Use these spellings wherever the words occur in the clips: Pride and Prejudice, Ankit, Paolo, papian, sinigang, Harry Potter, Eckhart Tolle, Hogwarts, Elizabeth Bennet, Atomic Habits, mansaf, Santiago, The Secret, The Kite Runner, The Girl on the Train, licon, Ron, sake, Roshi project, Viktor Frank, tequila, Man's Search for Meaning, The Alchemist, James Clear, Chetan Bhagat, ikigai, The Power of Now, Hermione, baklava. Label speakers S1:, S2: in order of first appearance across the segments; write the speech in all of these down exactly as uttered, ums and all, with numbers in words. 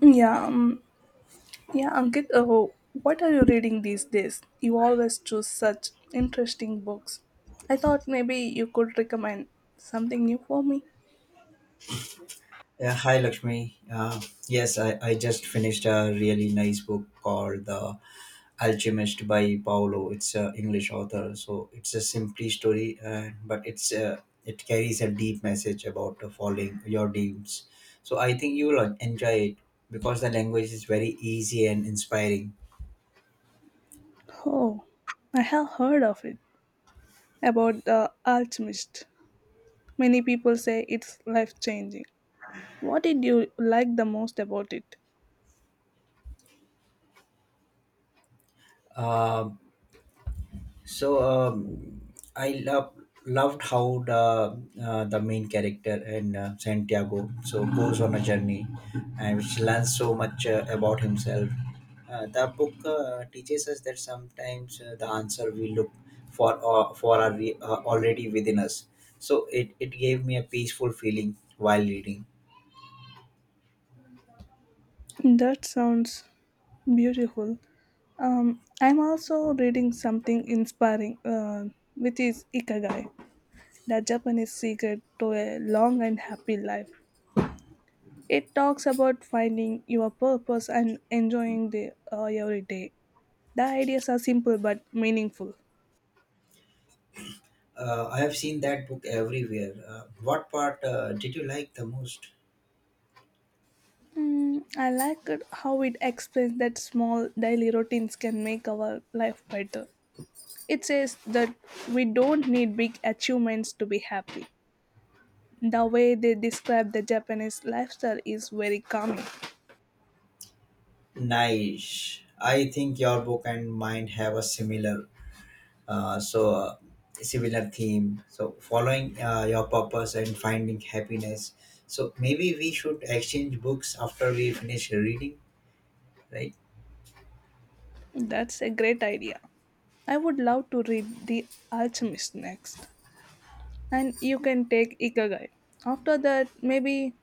S1: Yeah, um, yeah, Ankit, oh, what are you reading these days? You always choose such interesting books. I thought maybe you could recommend something new for me.
S2: Yeah, hi Lakshmi. Uh, yes, I, I just finished a really nice book called The Alchemist by Paolo. It's an English author, so it's a simply story, uh, but it's uh, it carries a deep message about uh, following your dreams. So I think you will enjoy it because the language is very easy and inspiring.
S1: Oh, I have heard of it about The Alchemist. Many people say it's life changing. What did you like the most about it?
S2: Um, So um, I love loved how the uh, the main character and uh, Santiago so goes on a journey and which learns so much uh, about himself. Uh, the book uh, teaches us that sometimes uh, the answer we look for uh, for are re- uh, already within us. So it, it gave me a peaceful feeling while reading.
S1: That sounds beautiful. Um, I'm also reading something inspiring, uh, which is Ikigai. The Japanese Secret to a Long and Happy Life. It talks about finding your purpose and enjoying the uh, every day. The ideas are simple but meaningful.
S2: Uh, I have seen that book everywhere. Uh, what part uh, did you like the most?
S1: Mm, I like it how it explains that small daily routines can make our life better. It says that we don't need big achievements to be happy. The way they describe the Japanese lifestyle is very calming.
S2: Nice. I think your book and mine have a similar, uh, so uh, similar theme. So following uh, your purpose and finding happiness. So maybe we should exchange books after we finish reading, right?
S1: That's a great idea. I would love to read The Alchemist next, and you can take Ikigai. After that, maybe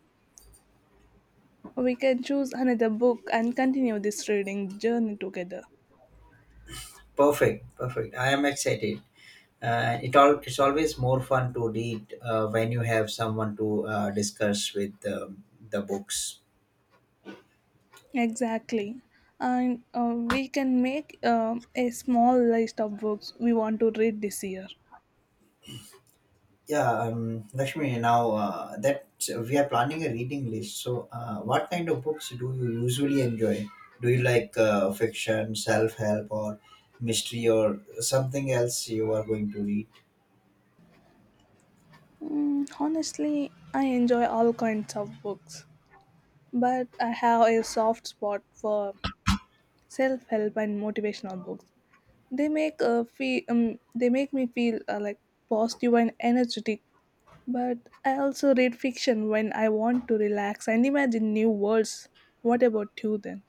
S1: we can choose another book and continue this reading journey together.
S2: Perfect, perfect. I am excited. Uh, it all it's always more fun to read uh, when you have someone to uh, discuss with um, the books.
S1: Exactly. And uh, we can make uh, a small list of books we want to read this year.
S2: Yeah, um, Lakshmi. Now uh, that so we are planning a reading list, so uh, what kind of books do you usually enjoy? Do you like uh, fiction, self help, or mystery, or something else you are going to read?
S1: Mm, honestly, I enjoy all kinds of books, but I have a soft spot for self-help and motivational books. They make a feel, um, they make me feel uh, like positive and energetic. But I also read fiction when I want to relax and imagine new worlds. What about you then?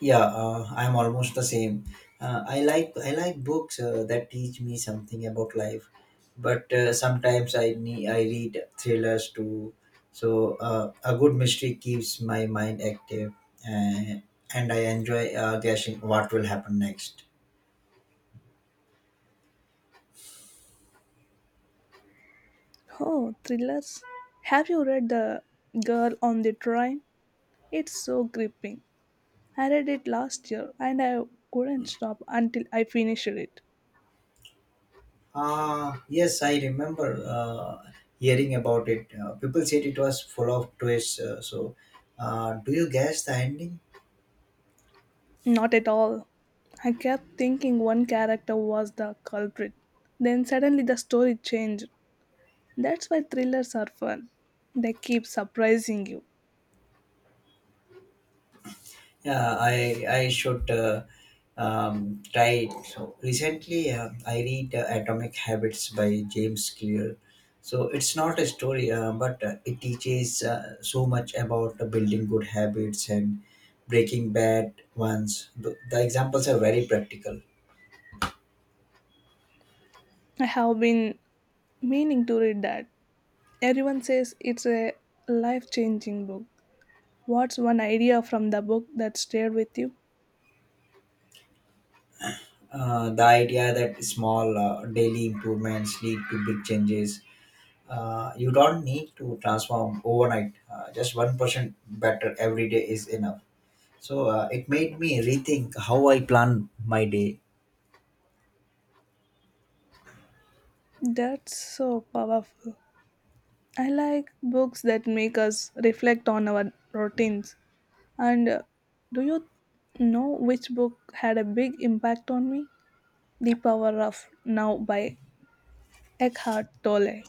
S2: Yeah, uh, I'm almost the same. Uh, I like I like books uh, that teach me something about life, but uh, sometimes I need I read thrillers too. So uh, a good mystery keeps my mind active, uh, and I enjoy uh, guessing what will happen next.
S1: Oh, thrillers? Have you read The Girl on the Train? It's so gripping. I read it last year and I couldn't stop until I finished it.
S2: Uh, yes, I remember uh, hearing about it. Uh, people said it was full of twists. Uh, so, uh, do you guess the ending?
S1: Not at all. I kept thinking one character was the culprit. Then suddenly the story changed. That's why thrillers are fun. They keep surprising you.
S2: Yeah, I I should uh, um, try it. So recently, uh, I read uh, Atomic Habits by James Clear. So it's not a story, uh, but uh, it teaches uh, so much about uh, building good habits and breaking bad ones. The, the examples are very practical.
S1: I have been meaning to read that. Everyone says it's a life changing book. What's one idea from the book that stayed with you?
S2: Uh, the idea that small uh, daily improvements lead to big changes. Uh, you don't need to transform overnight. Uh, just one percent better every day is enough. So uh, it made me rethink how I plan my day.
S1: That's so powerful. I like books that make us reflect on our routines. And uh, do you know which book had a big impact on me? The Power of Now by Eckhart Tolle.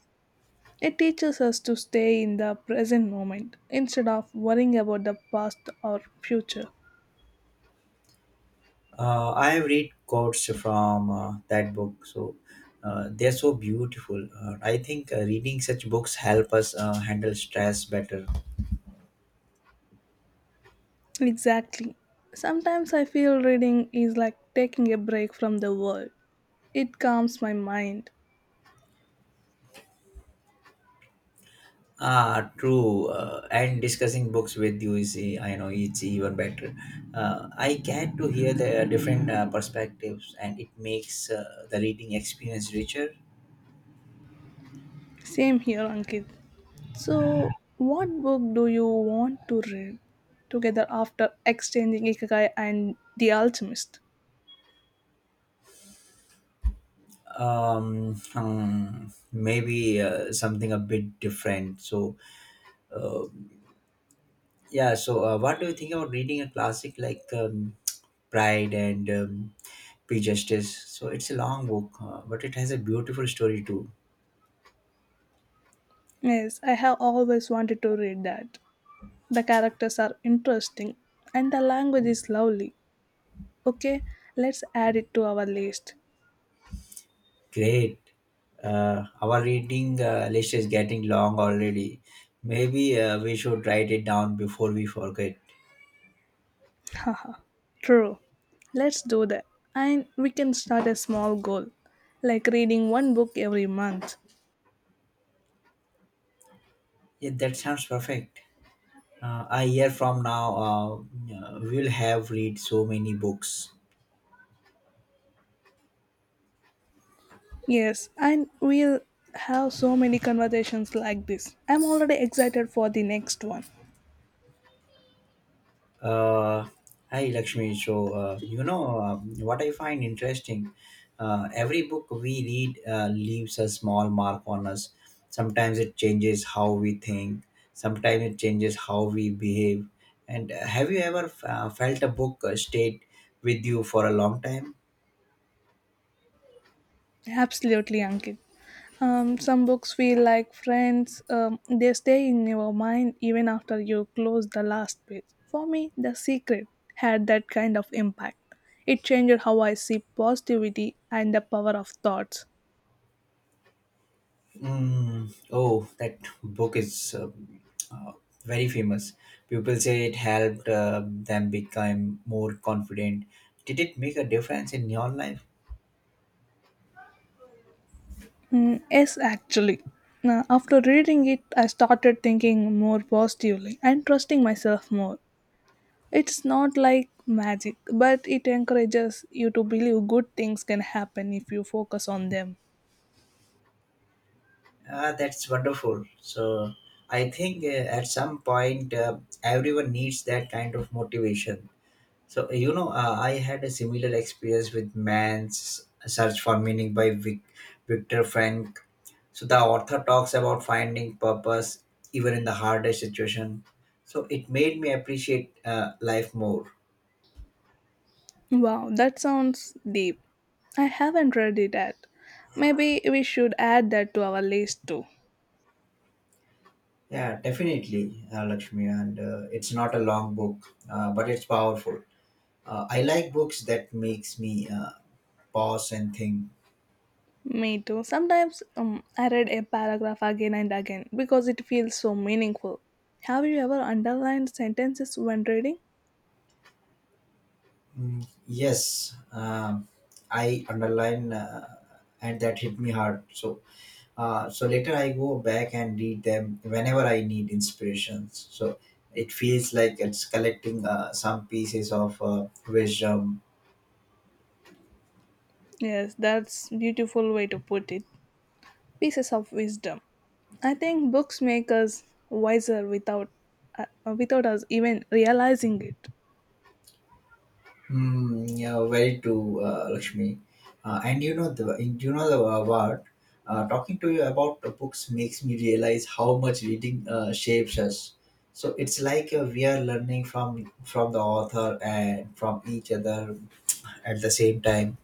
S1: It teaches us to stay in the present moment instead of worrying about the past or future.
S2: Uh, I have read quotes from uh, that book, so uh, they're so beautiful. Uh, I think uh, reading such books help us uh, handle stress better.
S1: Exactly. Sometimes I feel reading is like taking a break from the world. It calms my mind.
S2: Ah, true. Uh, and discussing books with you is, e- I know, it's even better. Uh, I get to hear the different uh, perspectives, and it makes uh, the reading experience richer.
S1: Same here, Ankit. So, what book do you want to read together after exchanging Ikigai and The Alchemist?
S2: Um, hmm, Maybe uh, something a bit different. So Yeah, so uh, what do you think about reading a classic like um, Pride and um, Prejudice? So it's a long book, uh, but it has a beautiful story too.
S1: Yes, I have always wanted to read that. The characters are interesting and the language is lovely. Okay, let's add it to our list.
S2: Great. Uh, our reading uh, list is getting long already. Maybe uh, we should write it down before we forget.
S1: Haha, true. Let's do that. And we can start a small goal, like reading one book every month.
S2: Yeah, that sounds perfect. Uh, a year from now, uh, we will have read so many books.
S1: Yes, and we'll have so many conversations like this. I'm already excited for the next one.
S2: Uh, Hi, Lakshmi. So, uh, you know, um, what I find interesting, uh, every book we read uh, leaves a small mark on us. Sometimes it changes how we think, sometimes it changes how we behave. And uh, have you ever uh, felt a book uh, stayed with you for a long time?
S1: Absolutely, Ankit. Um, some books feel like friends, um, they stay in your mind even after you close the last page. For me, The Secret had that kind of impact. It changed how I see positivity and the power of thoughts.
S2: Mm, oh, that book is um, uh, very famous. People say it helped uh, them become more confident. Did it make a difference in your life?
S1: Mm, yes, actually. Now, after reading it, I started thinking more positively and trusting myself more. It's not like magic, but it encourages you to believe good things can happen if you focus on them.
S2: Ah, that's wonderful. So I think uh, at some point uh, everyone needs that kind of motivation. So you know, uh, I had a similar experience with Man's Search for Meaning by Vic- Viktor Frank. So the author talks about finding purpose even in the hardest situation. So it made me appreciate uh, life more.
S1: Wow, that sounds deep. I haven't read it yet. Maybe we should add that to our list too.
S2: Yeah, definitely, uh, Lakshmi. And uh, it's not a long book, uh, but it's powerful. Uh, I like books that makes me uh, pause and think.
S1: Me too. Sometimes um, I read a paragraph again and again because it feels so meaningful. Have you ever underlined sentences when reading?
S2: Mm, yes, um, I underline, uh, and that hit me hard. So, uh, so later I go back and read them whenever I need inspirations. So it feels like it's collecting uh, some pieces of uh, wisdom.
S1: Yes, that's beautiful way to put it. Pieces of wisdom. I think books make us wiser without uh, uh, without us even realizing it.
S2: Mm, yeah, very true, uh, Lakshmi. Uh, and you know the in- you know the uh, what uh, talking to you about the books makes me realize how much reading uh, shapes us. So it's like uh, we are learning from from the author and from each other at the same time.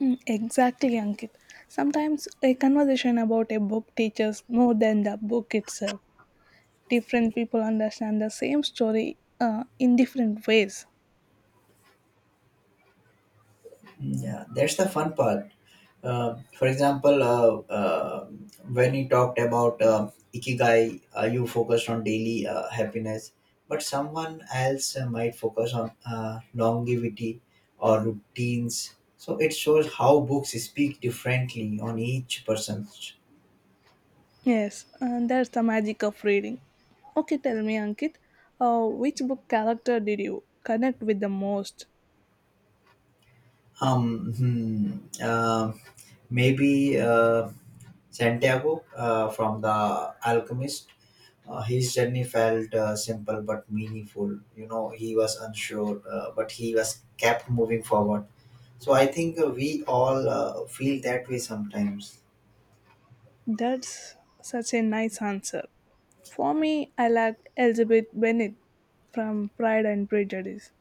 S1: Mm, exactly, Ankit. Sometimes a conversation about a book teaches more than the book itself. Different people understand the same story uh, in different ways.
S2: Hmm, Yeah, that's the fun part. Uh, for example, uh, uh, when you talked about uh, ikigai, uh, you focused on daily uh, happiness, but someone else uh, might focus on uh, longevity or routines. So it shows how books speak differently on each person.
S1: Yes, and that's the magic of reading. Okay, tell me, Ankit, uh, which book character did you connect with the most?
S2: Um, hmm, um, Maybe uh, Santiago uh, from The Alchemist. Uh, his journey felt uh, simple but meaningful. You know, he was unsure, uh, but he was kept moving forward. So I think uh, we all uh, feel that way sometimes.
S1: That's such a nice answer. For me, I like Elizabeth Bennet from Pride and Prejudice.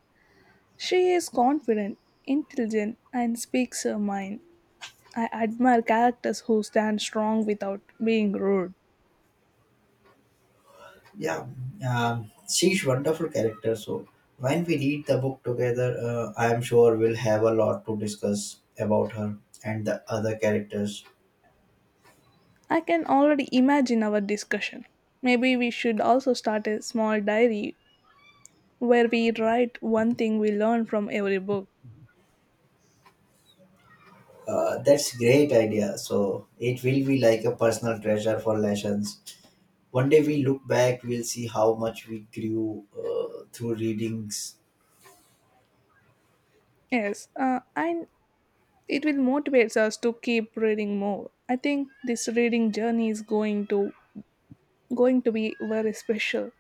S1: She is confident, intelligent, and speaks her mind. I admire characters who stand strong without being rude.
S2: Yeah, um, she's wonderful character. So when we read the book together, uh, I am sure we'll have a lot to discuss about her and the other characters.
S1: I can already imagine our discussion. Maybe we should also start a small diary where we write one thing we learn from every book.
S2: Uh, that's great idea. So it will be like a personal treasure for lessons. One day we look back, we'll see how much we grew uh, through readings.
S1: Yes, uh, I it will motivate us to keep reading more. I think this reading journey is going to going to be very special.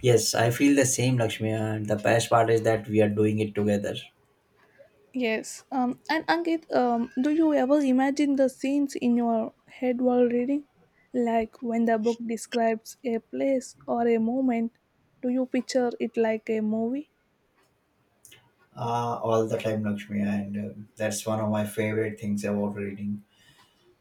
S2: Yes, I feel the same, Lakshmi. And the best part is that we are doing it together.
S1: Yes. Um, and Ankit, um, do you ever imagine the scenes in your head while reading? Like when the book describes a place or a moment, do you picture it like a movie?
S2: Uh, all the time, Lakshmi, and uh, that's one of my favorite things about reading.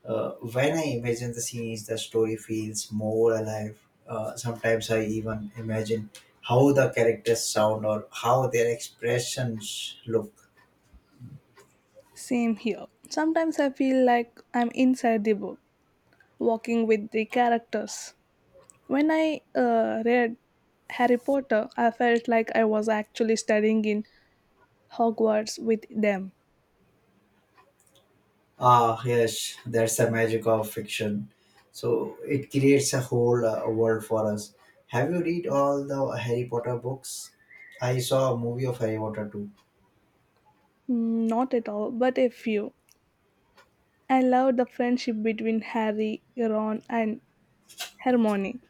S2: Uh, when I imagine the scenes, the story feels more alive. Uh, sometimes I even imagine how the characters sound or how their expressions look.
S1: Same here. Sometimes I feel like I'm inside the book, walking with the characters. When I uh, read Harry Potter, I felt like I was actually studying in Hogwarts with them.
S2: Ah, yes, that's the magic of fiction. So it creates a whole uh, world for us. Have you read all the Harry Potter books? I saw a movie of Harry Potter too.
S1: Mm, not at all, but a few. I loved the friendship between Harry, Ron, and Hermione.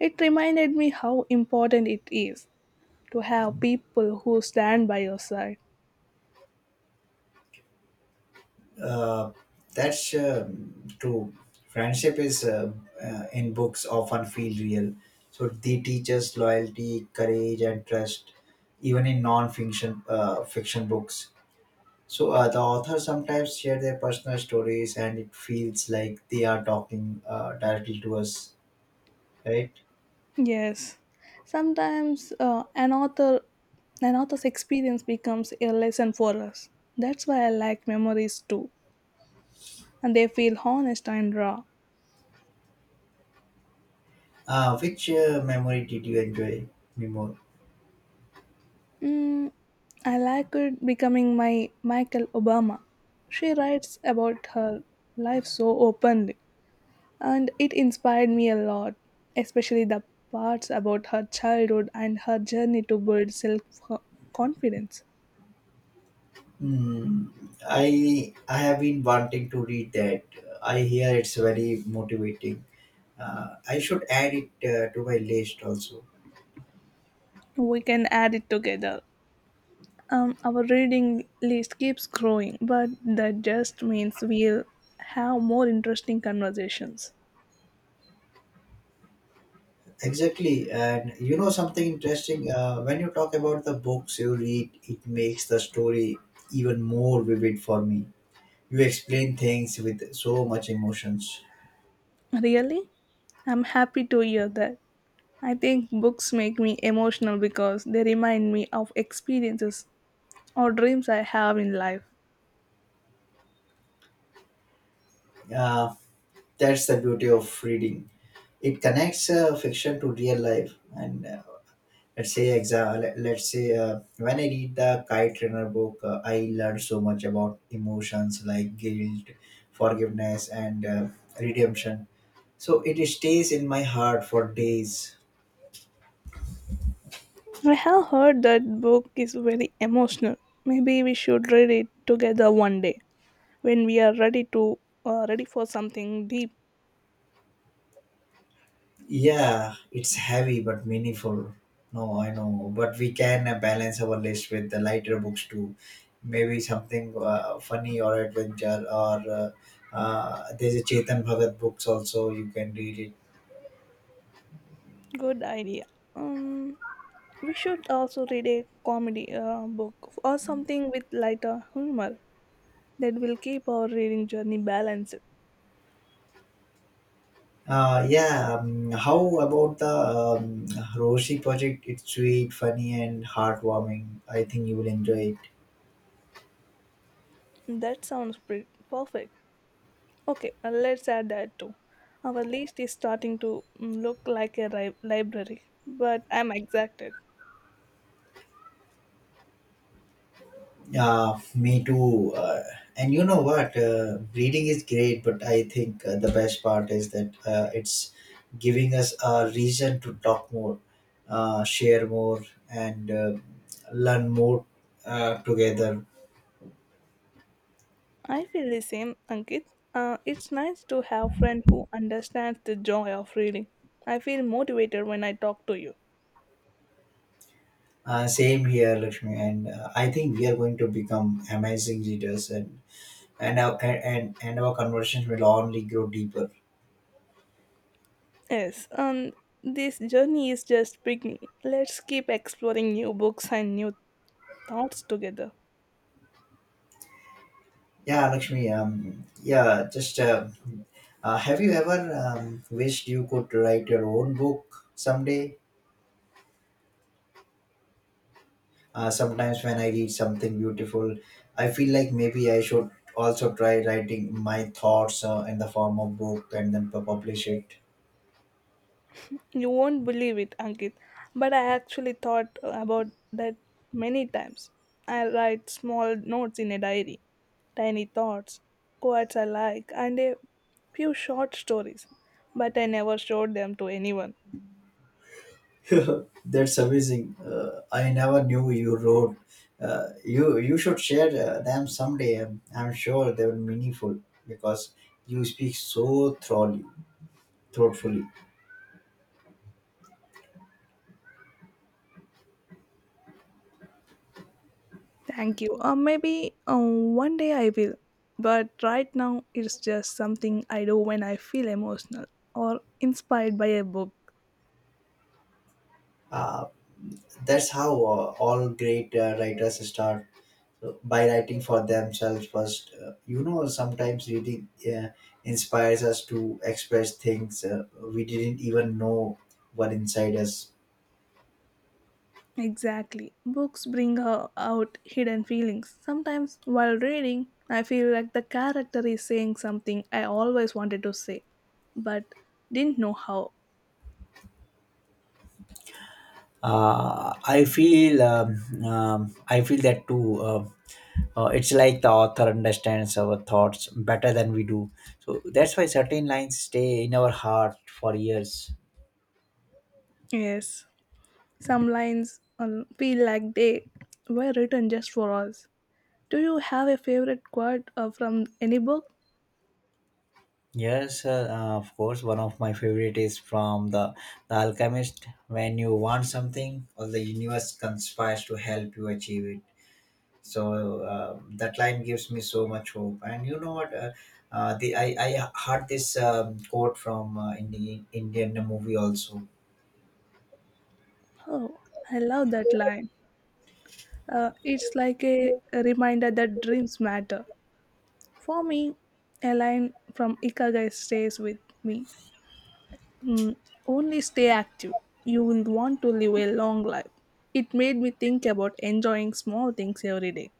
S1: It reminded me how important it is to have people who stand by your side.
S2: Uh, that's um, true. Friendship is uh, uh, in books often feel real. So they teach us loyalty, courage, and trust, even in non-fiction uh, fiction books. So uh, the authors sometimes share their personal stories, and it feels like they are talking uh, directly to us, right?
S1: Yes, sometimes uh, an author an author's experience becomes a lesson for us. That's why I like memories too, and they feel honest and raw.
S2: Uh, which uh, memory did you enjoy me more?
S1: Mm, I like it becoming my Michael Obama. She writes about her life so openly, and it inspired me a lot, especially the parts about her childhood and her journey to build self confidence.
S2: Hmm, I I have been wanting to read that. I hear it's very motivating. Uh, I should add it uh, to my list also.
S1: We can add it together. Um, our reading list keeps growing, but that just means we'll have more interesting conversations.
S2: Exactly, and you know something interesting. Uh, when you talk about the books you read, it makes the story even more vivid for me. You explain things with so much emotions.
S1: Really? I'm happy to hear that. I think books make me emotional because they remind me of experiences or dreams I have in life.
S2: uh, that's the beauty of reading. It connects uh, fiction to real life, and uh, let's say exa- let- let's say uh, when I read the kite runner book uh, I learned so much about emotions like guilt, forgiveness, and uh, redemption. So it stays in my heart for days.
S1: I have heard that book is very emotional. Maybe we should read it together one day when we are ready to uh, ready for something deep.
S2: Yeah, it's heavy but meaningful. No, I know, but we can uh, balance our list with the lighter books too. Maybe something uh, funny or adventure, or uh, uh, there's a Chetan Bhagat books also. You can read it.
S1: Good idea. Um, we should also read a comedy uh, book or something with lighter humor that will keep our reading journey balanced.
S2: Uh, yeah. Um, how about the um, Roshi project? It's sweet, funny, and heartwarming. I think you will enjoy.
S1: That sounds pretty perfect. Okay, uh, let's add that too. Our list is starting to mm, look like a ri- library, but I'm excited.
S2: Yeah, me too. Uh, and you know what? Uh, reading is great, but I think uh, the best part is that uh, it's giving us a reason to talk more, uh, share more, and uh, learn more uh, together.
S1: I feel the same, Ankit. Uh, it's nice to have friend who understands the joy of reading. I feel motivated when I talk to you.
S2: Uh, same here, Lakshmi. And uh, I think we are going to become amazing leaders, and and our, and and our conversations will only grow deeper.
S1: Yes, um, this journey is just beginning. Let's keep exploring new books and new thoughts together.
S2: Yeah, Lakshmi. Um, yeah, just uh, uh, Have you ever um, wished you could write your own book someday? Uh, sometimes when I read something beautiful, I feel like maybe I should also try writing my thoughts uh, in the form of book and then pu- publish it.
S1: You won't believe it, Ankit, but I actually thought about that many times. I write small notes in a diary, tiny thoughts, quotes I like, and a few short stories, but I never showed them to anyone.
S2: That's amazing. Uh, I never knew you wrote. Uh, you you should share uh, them someday. Um, I'm sure they were meaningful because you speak so thoroughly, thoughtfully.
S1: Thank you. Or maybe uh, one day I will, but right now it's just something I do when I feel emotional or inspired by a book.
S2: Uh, that's how uh, all great uh, writers start, so by writing for themselves first. Uh, you know, sometimes reading uh, inspires us to express things uh, we didn't even know were inside us.
S1: Exactly. Books bring ho- out hidden feelings. Sometimes while reading, I feel like the character is saying something I always wanted to say, but didn't know how.
S2: uh, I feel um, um, I feel that too. Uh, uh, it's like the author understands our thoughts better than we do, so that's why certain lines stay in our heart for years.
S1: Yes, some lines um, feel like they were written just for us. Do you have a favorite quote uh, from any book?
S2: Yes, uh, uh, of course. One of my favorite is from the, the Alchemist. When you want something, all the universe conspires to help you achieve it. So uh, that line gives me so much hope. And you know what? Uh, uh, the I, I heard this um, quote from uh, in the Indian movie also.
S1: Oh, I love that line. Uh, it's like a, a reminder that dreams matter. For me, a line from Ikagai stays with me. Mm, only stay active. You will want to live a long life. It made me think about enjoying small things every day.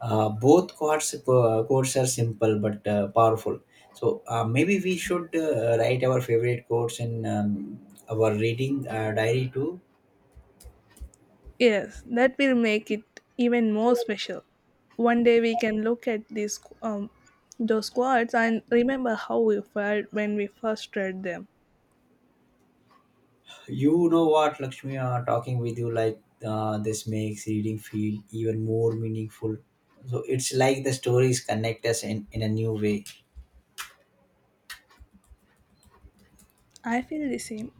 S2: Uh, both quotes uh, quotes are simple but uh, powerful. So uh, maybe we should uh, write our favorite quotes in um, our reading uh, diary too.
S1: Yes, that will make it even more special. One day we can look at these um, those quotes and remember how we felt when we first read them.
S2: You know what, Lakshmi, uh, talking with you like uh, this makes reading feel even more meaningful. So it's like the stories connect us in, in a new way.
S1: I feel the same.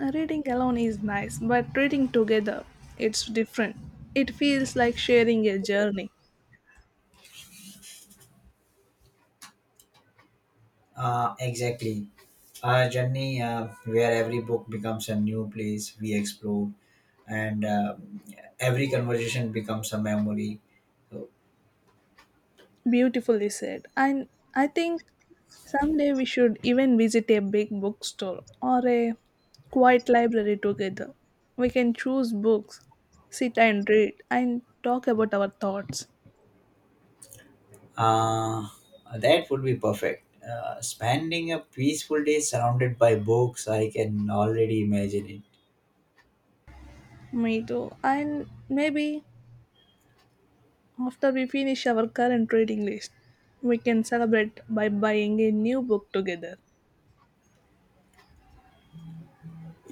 S1: Reading alone is nice, but reading together, it's different. It feels like sharing a journey.
S2: Uh, exactly. Our journey uh, where every book becomes a new place we explore, and uh, every conversation becomes a memory. So,
S1: Beautifully said. And I think someday we should even visit a big bookstore or a quiet library together. We can choose books, sit and read, and talk about our thoughts.
S2: uh, that would be perfect. Uh, spending a peaceful day surrounded by books, I can already imagine it.
S1: Me too. And maybe after we finish our current reading list, we can celebrate by buying a new book together.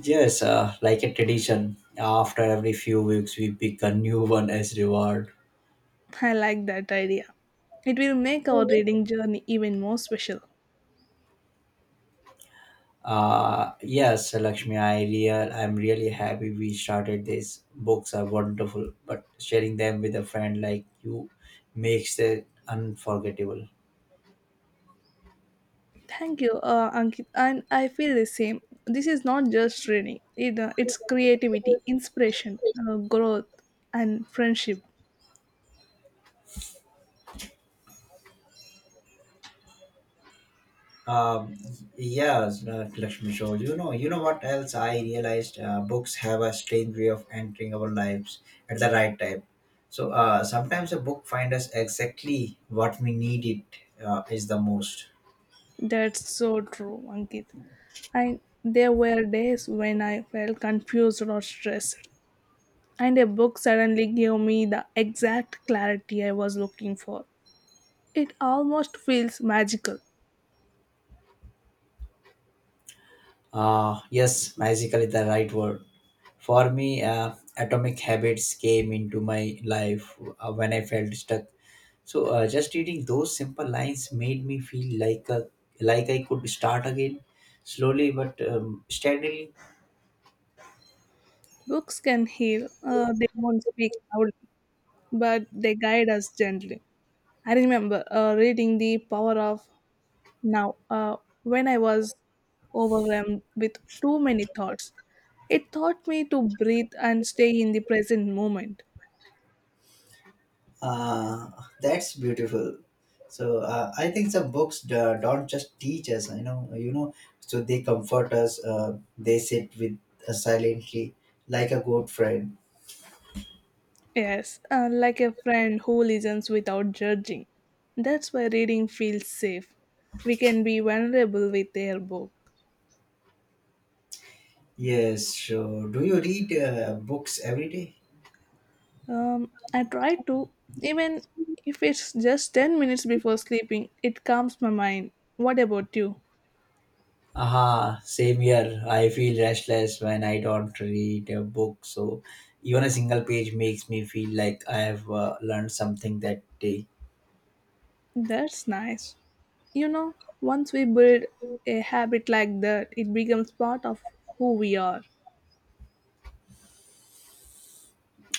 S2: Yes, uh, like a tradition. After every few weeks, we pick a new one as reward.
S1: I like that idea. It will make our
S2: Mhm.
S1: reading journey even more special.
S2: Uh, yes, Lakshmi, I real, I'm really happy we started this. Books are wonderful, but sharing them with a friend like you makes it unforgettable.
S1: Thank you, uh, Ankit. And I feel the same. This is not just reading; it, uh, it's creativity, inspiration, uh, growth, and friendship.
S2: Um, yes, uh, Lakshmi Show. You know, you know what else I realized? Uh, books have a strange way of entering our lives at the right time. So uh, sometimes a book finds us exactly what we need it uh, is the most.
S1: That's so true, Ankit. And there were days when I felt confused or stressed, and a book suddenly gave me the exact clarity I was looking for. It almost feels magical.
S2: Uh, yes, magical is the right word. For me, uh, atomic habits came into my life uh, when I felt stuck. So uh, just reading those simple lines made me feel like a, like I could start again, slowly but um, steadily.
S1: Books can heal, uh, they don't speak loudly, but they guide us gently. I remember uh, reading The Power of Now, uh, when I was overwhelmed with too many thoughts, it taught me to breathe and stay in the present moment.
S2: Uh, that's beautiful. So uh, I think some books d- don't just teach us, you know, you know, so they comfort us. Uh, they sit with us silently, like a good friend.
S1: Yes, uh, like a friend who listens without judging. That's why reading feels safe. We can be vulnerable with their book.
S2: Yes, so do you read uh, books every day?
S1: Um, I try to, even if it's just 10 minutes before sleeping, it calms my mind. What about you?
S2: Aha, same here. I feel restless when I don't read a book. So even a single page makes me feel like I have uh, learned something that day.
S1: That's nice. You know, once we build a habit like that, it becomes part of who we are.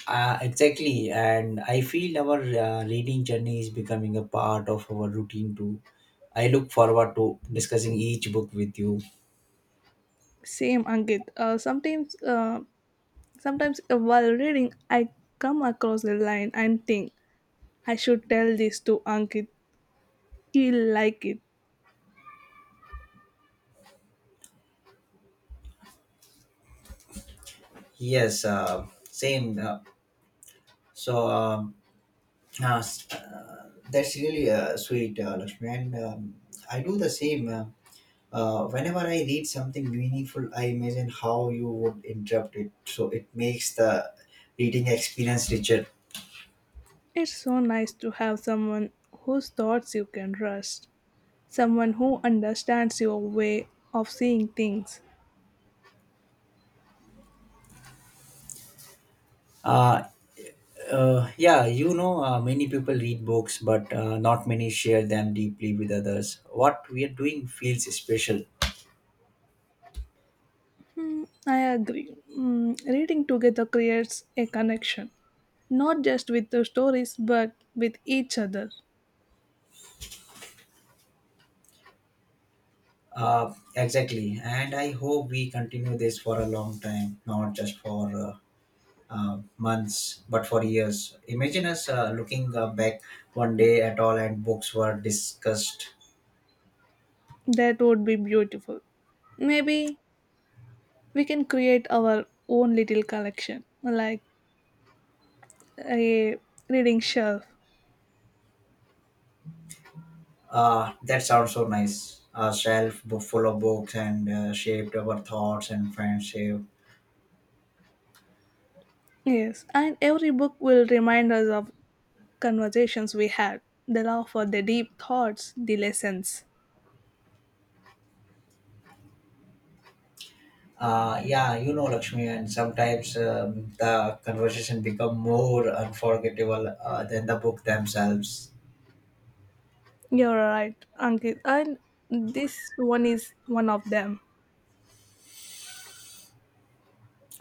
S2: Uh, exactly, and I feel our uh, reading journey is becoming a part of our routine too. I look forward to discussing each book with you.
S1: Same, Ankit. Uh, sometimes, uh, sometimes uh, while reading, I come across a line and think I should tell this to Ankit. He'll like it.
S2: Yes, uh, same. Uh, so, um, Uh, s- uh, that's really uh, sweet, uh, Lakshmi. And um, I do the same. Uh, uh, whenever I read something meaningful, I imagine how you would interrupt it. So it makes the reading experience richer.
S1: It's so nice to have someone whose thoughts you can trust, someone who understands your way of seeing things.
S2: Uh, uh, yeah, you know, uh, many people read books, but uh, not many share them deeply with others. What we are doing feels special.
S1: Mm, I agree. Mm, reading together creates a connection, not just with the stories, but with each other.
S2: Uh, exactly. And I hope we continue this for a long time, not just for uh, uh, months, but for years. Imagine us uh, looking uh, back one day at all and books were discussed.
S1: That would be beautiful. Maybe we can create our own little collection, like a reading shelf.
S2: Uh, that sounds so nice. A shelf bo- full of books and uh, shaped our thoughts and friendship.
S1: Yes, and every book will remind us of conversations we had, the love for the deep thoughts, the lessons.
S2: Uh, yeah, you know, Lakshmi, and sometimes um, the conversation become more unforgettable uh, than the book themselves.
S1: You're right, Ankit, and this one is one of them.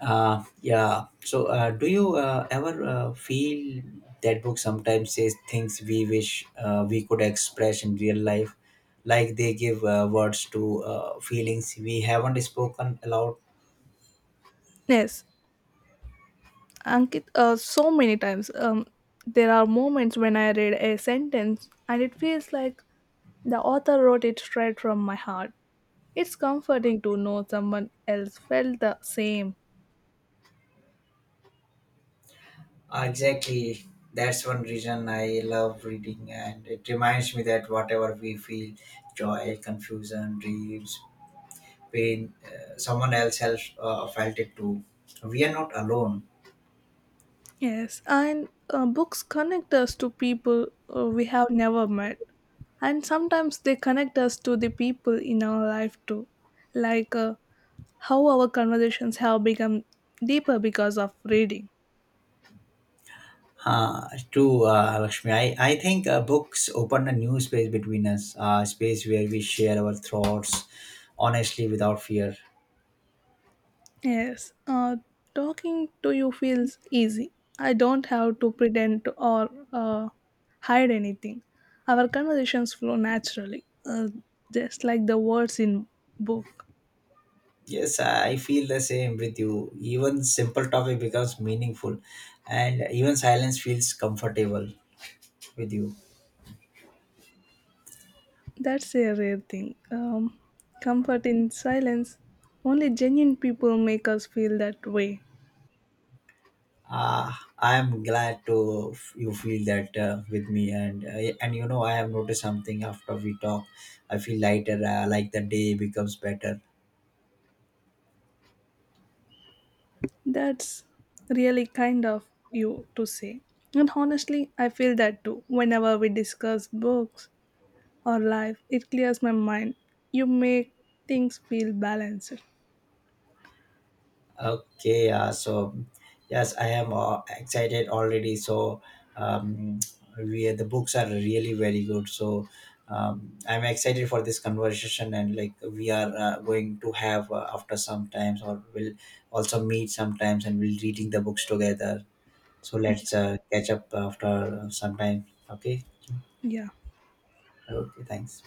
S2: Uh, yeah. So, uh, do you uh, ever uh, feel that book sometimes says things we wish uh, we could express in real life, like they give uh, words to uh, feelings we haven't spoken aloud?
S1: Yes, Ankit, uh, so many times. Um, there are moments when I read a sentence and it feels like the author wrote it straight from my heart. It's comforting to know someone else felt the same.
S2: Exactly. That's one reason I love reading, and it reminds me that whatever we feel, joy, confusion, dreams, pain, uh, someone else has uh, felt it too. We are not alone.
S1: Yes, and uh, books connect us to people uh, we have never met, and sometimes they connect us to the people in our life too, like uh, how our conversations have become deeper because of reading.
S2: Uh, true, uh, Lakshmi. I, I think uh, books open a new space between us, a space where we share our thoughts honestly without fear.
S1: Yes, uh, talking to you feels easy. I don't have to pretend or uh, hide anything. Our conversations flow naturally, uh, just like the words in book.
S2: Yes, I feel the same with you. Even simple topic becomes meaningful, and even silence feels comfortable with you.
S1: That's a rare thing. Um, comfort in silence. Only genuine people make us feel that way.
S2: Uh, I am glad to f- you feel that uh, with me, and uh, and you know I have noticed something after we talk. I feel lighter, uh, like the day becomes better.
S1: That's really kind of you to say. And honestly, I feel that too. Whenever we discuss books, or life. It clears my mind. You make things feel balanced.
S2: Okay, uh, so yes, I am uh, excited already. So um, we the books are really very good. So um, I'm excited for this conversation and like we are uh, going to have uh, after some times, or we'll also meet sometimes and we'll reading the books together. So
S1: Yeah,
S2: let's uh, catch up after some time. Okay.
S1: yeah.
S2: Okay. Thanks.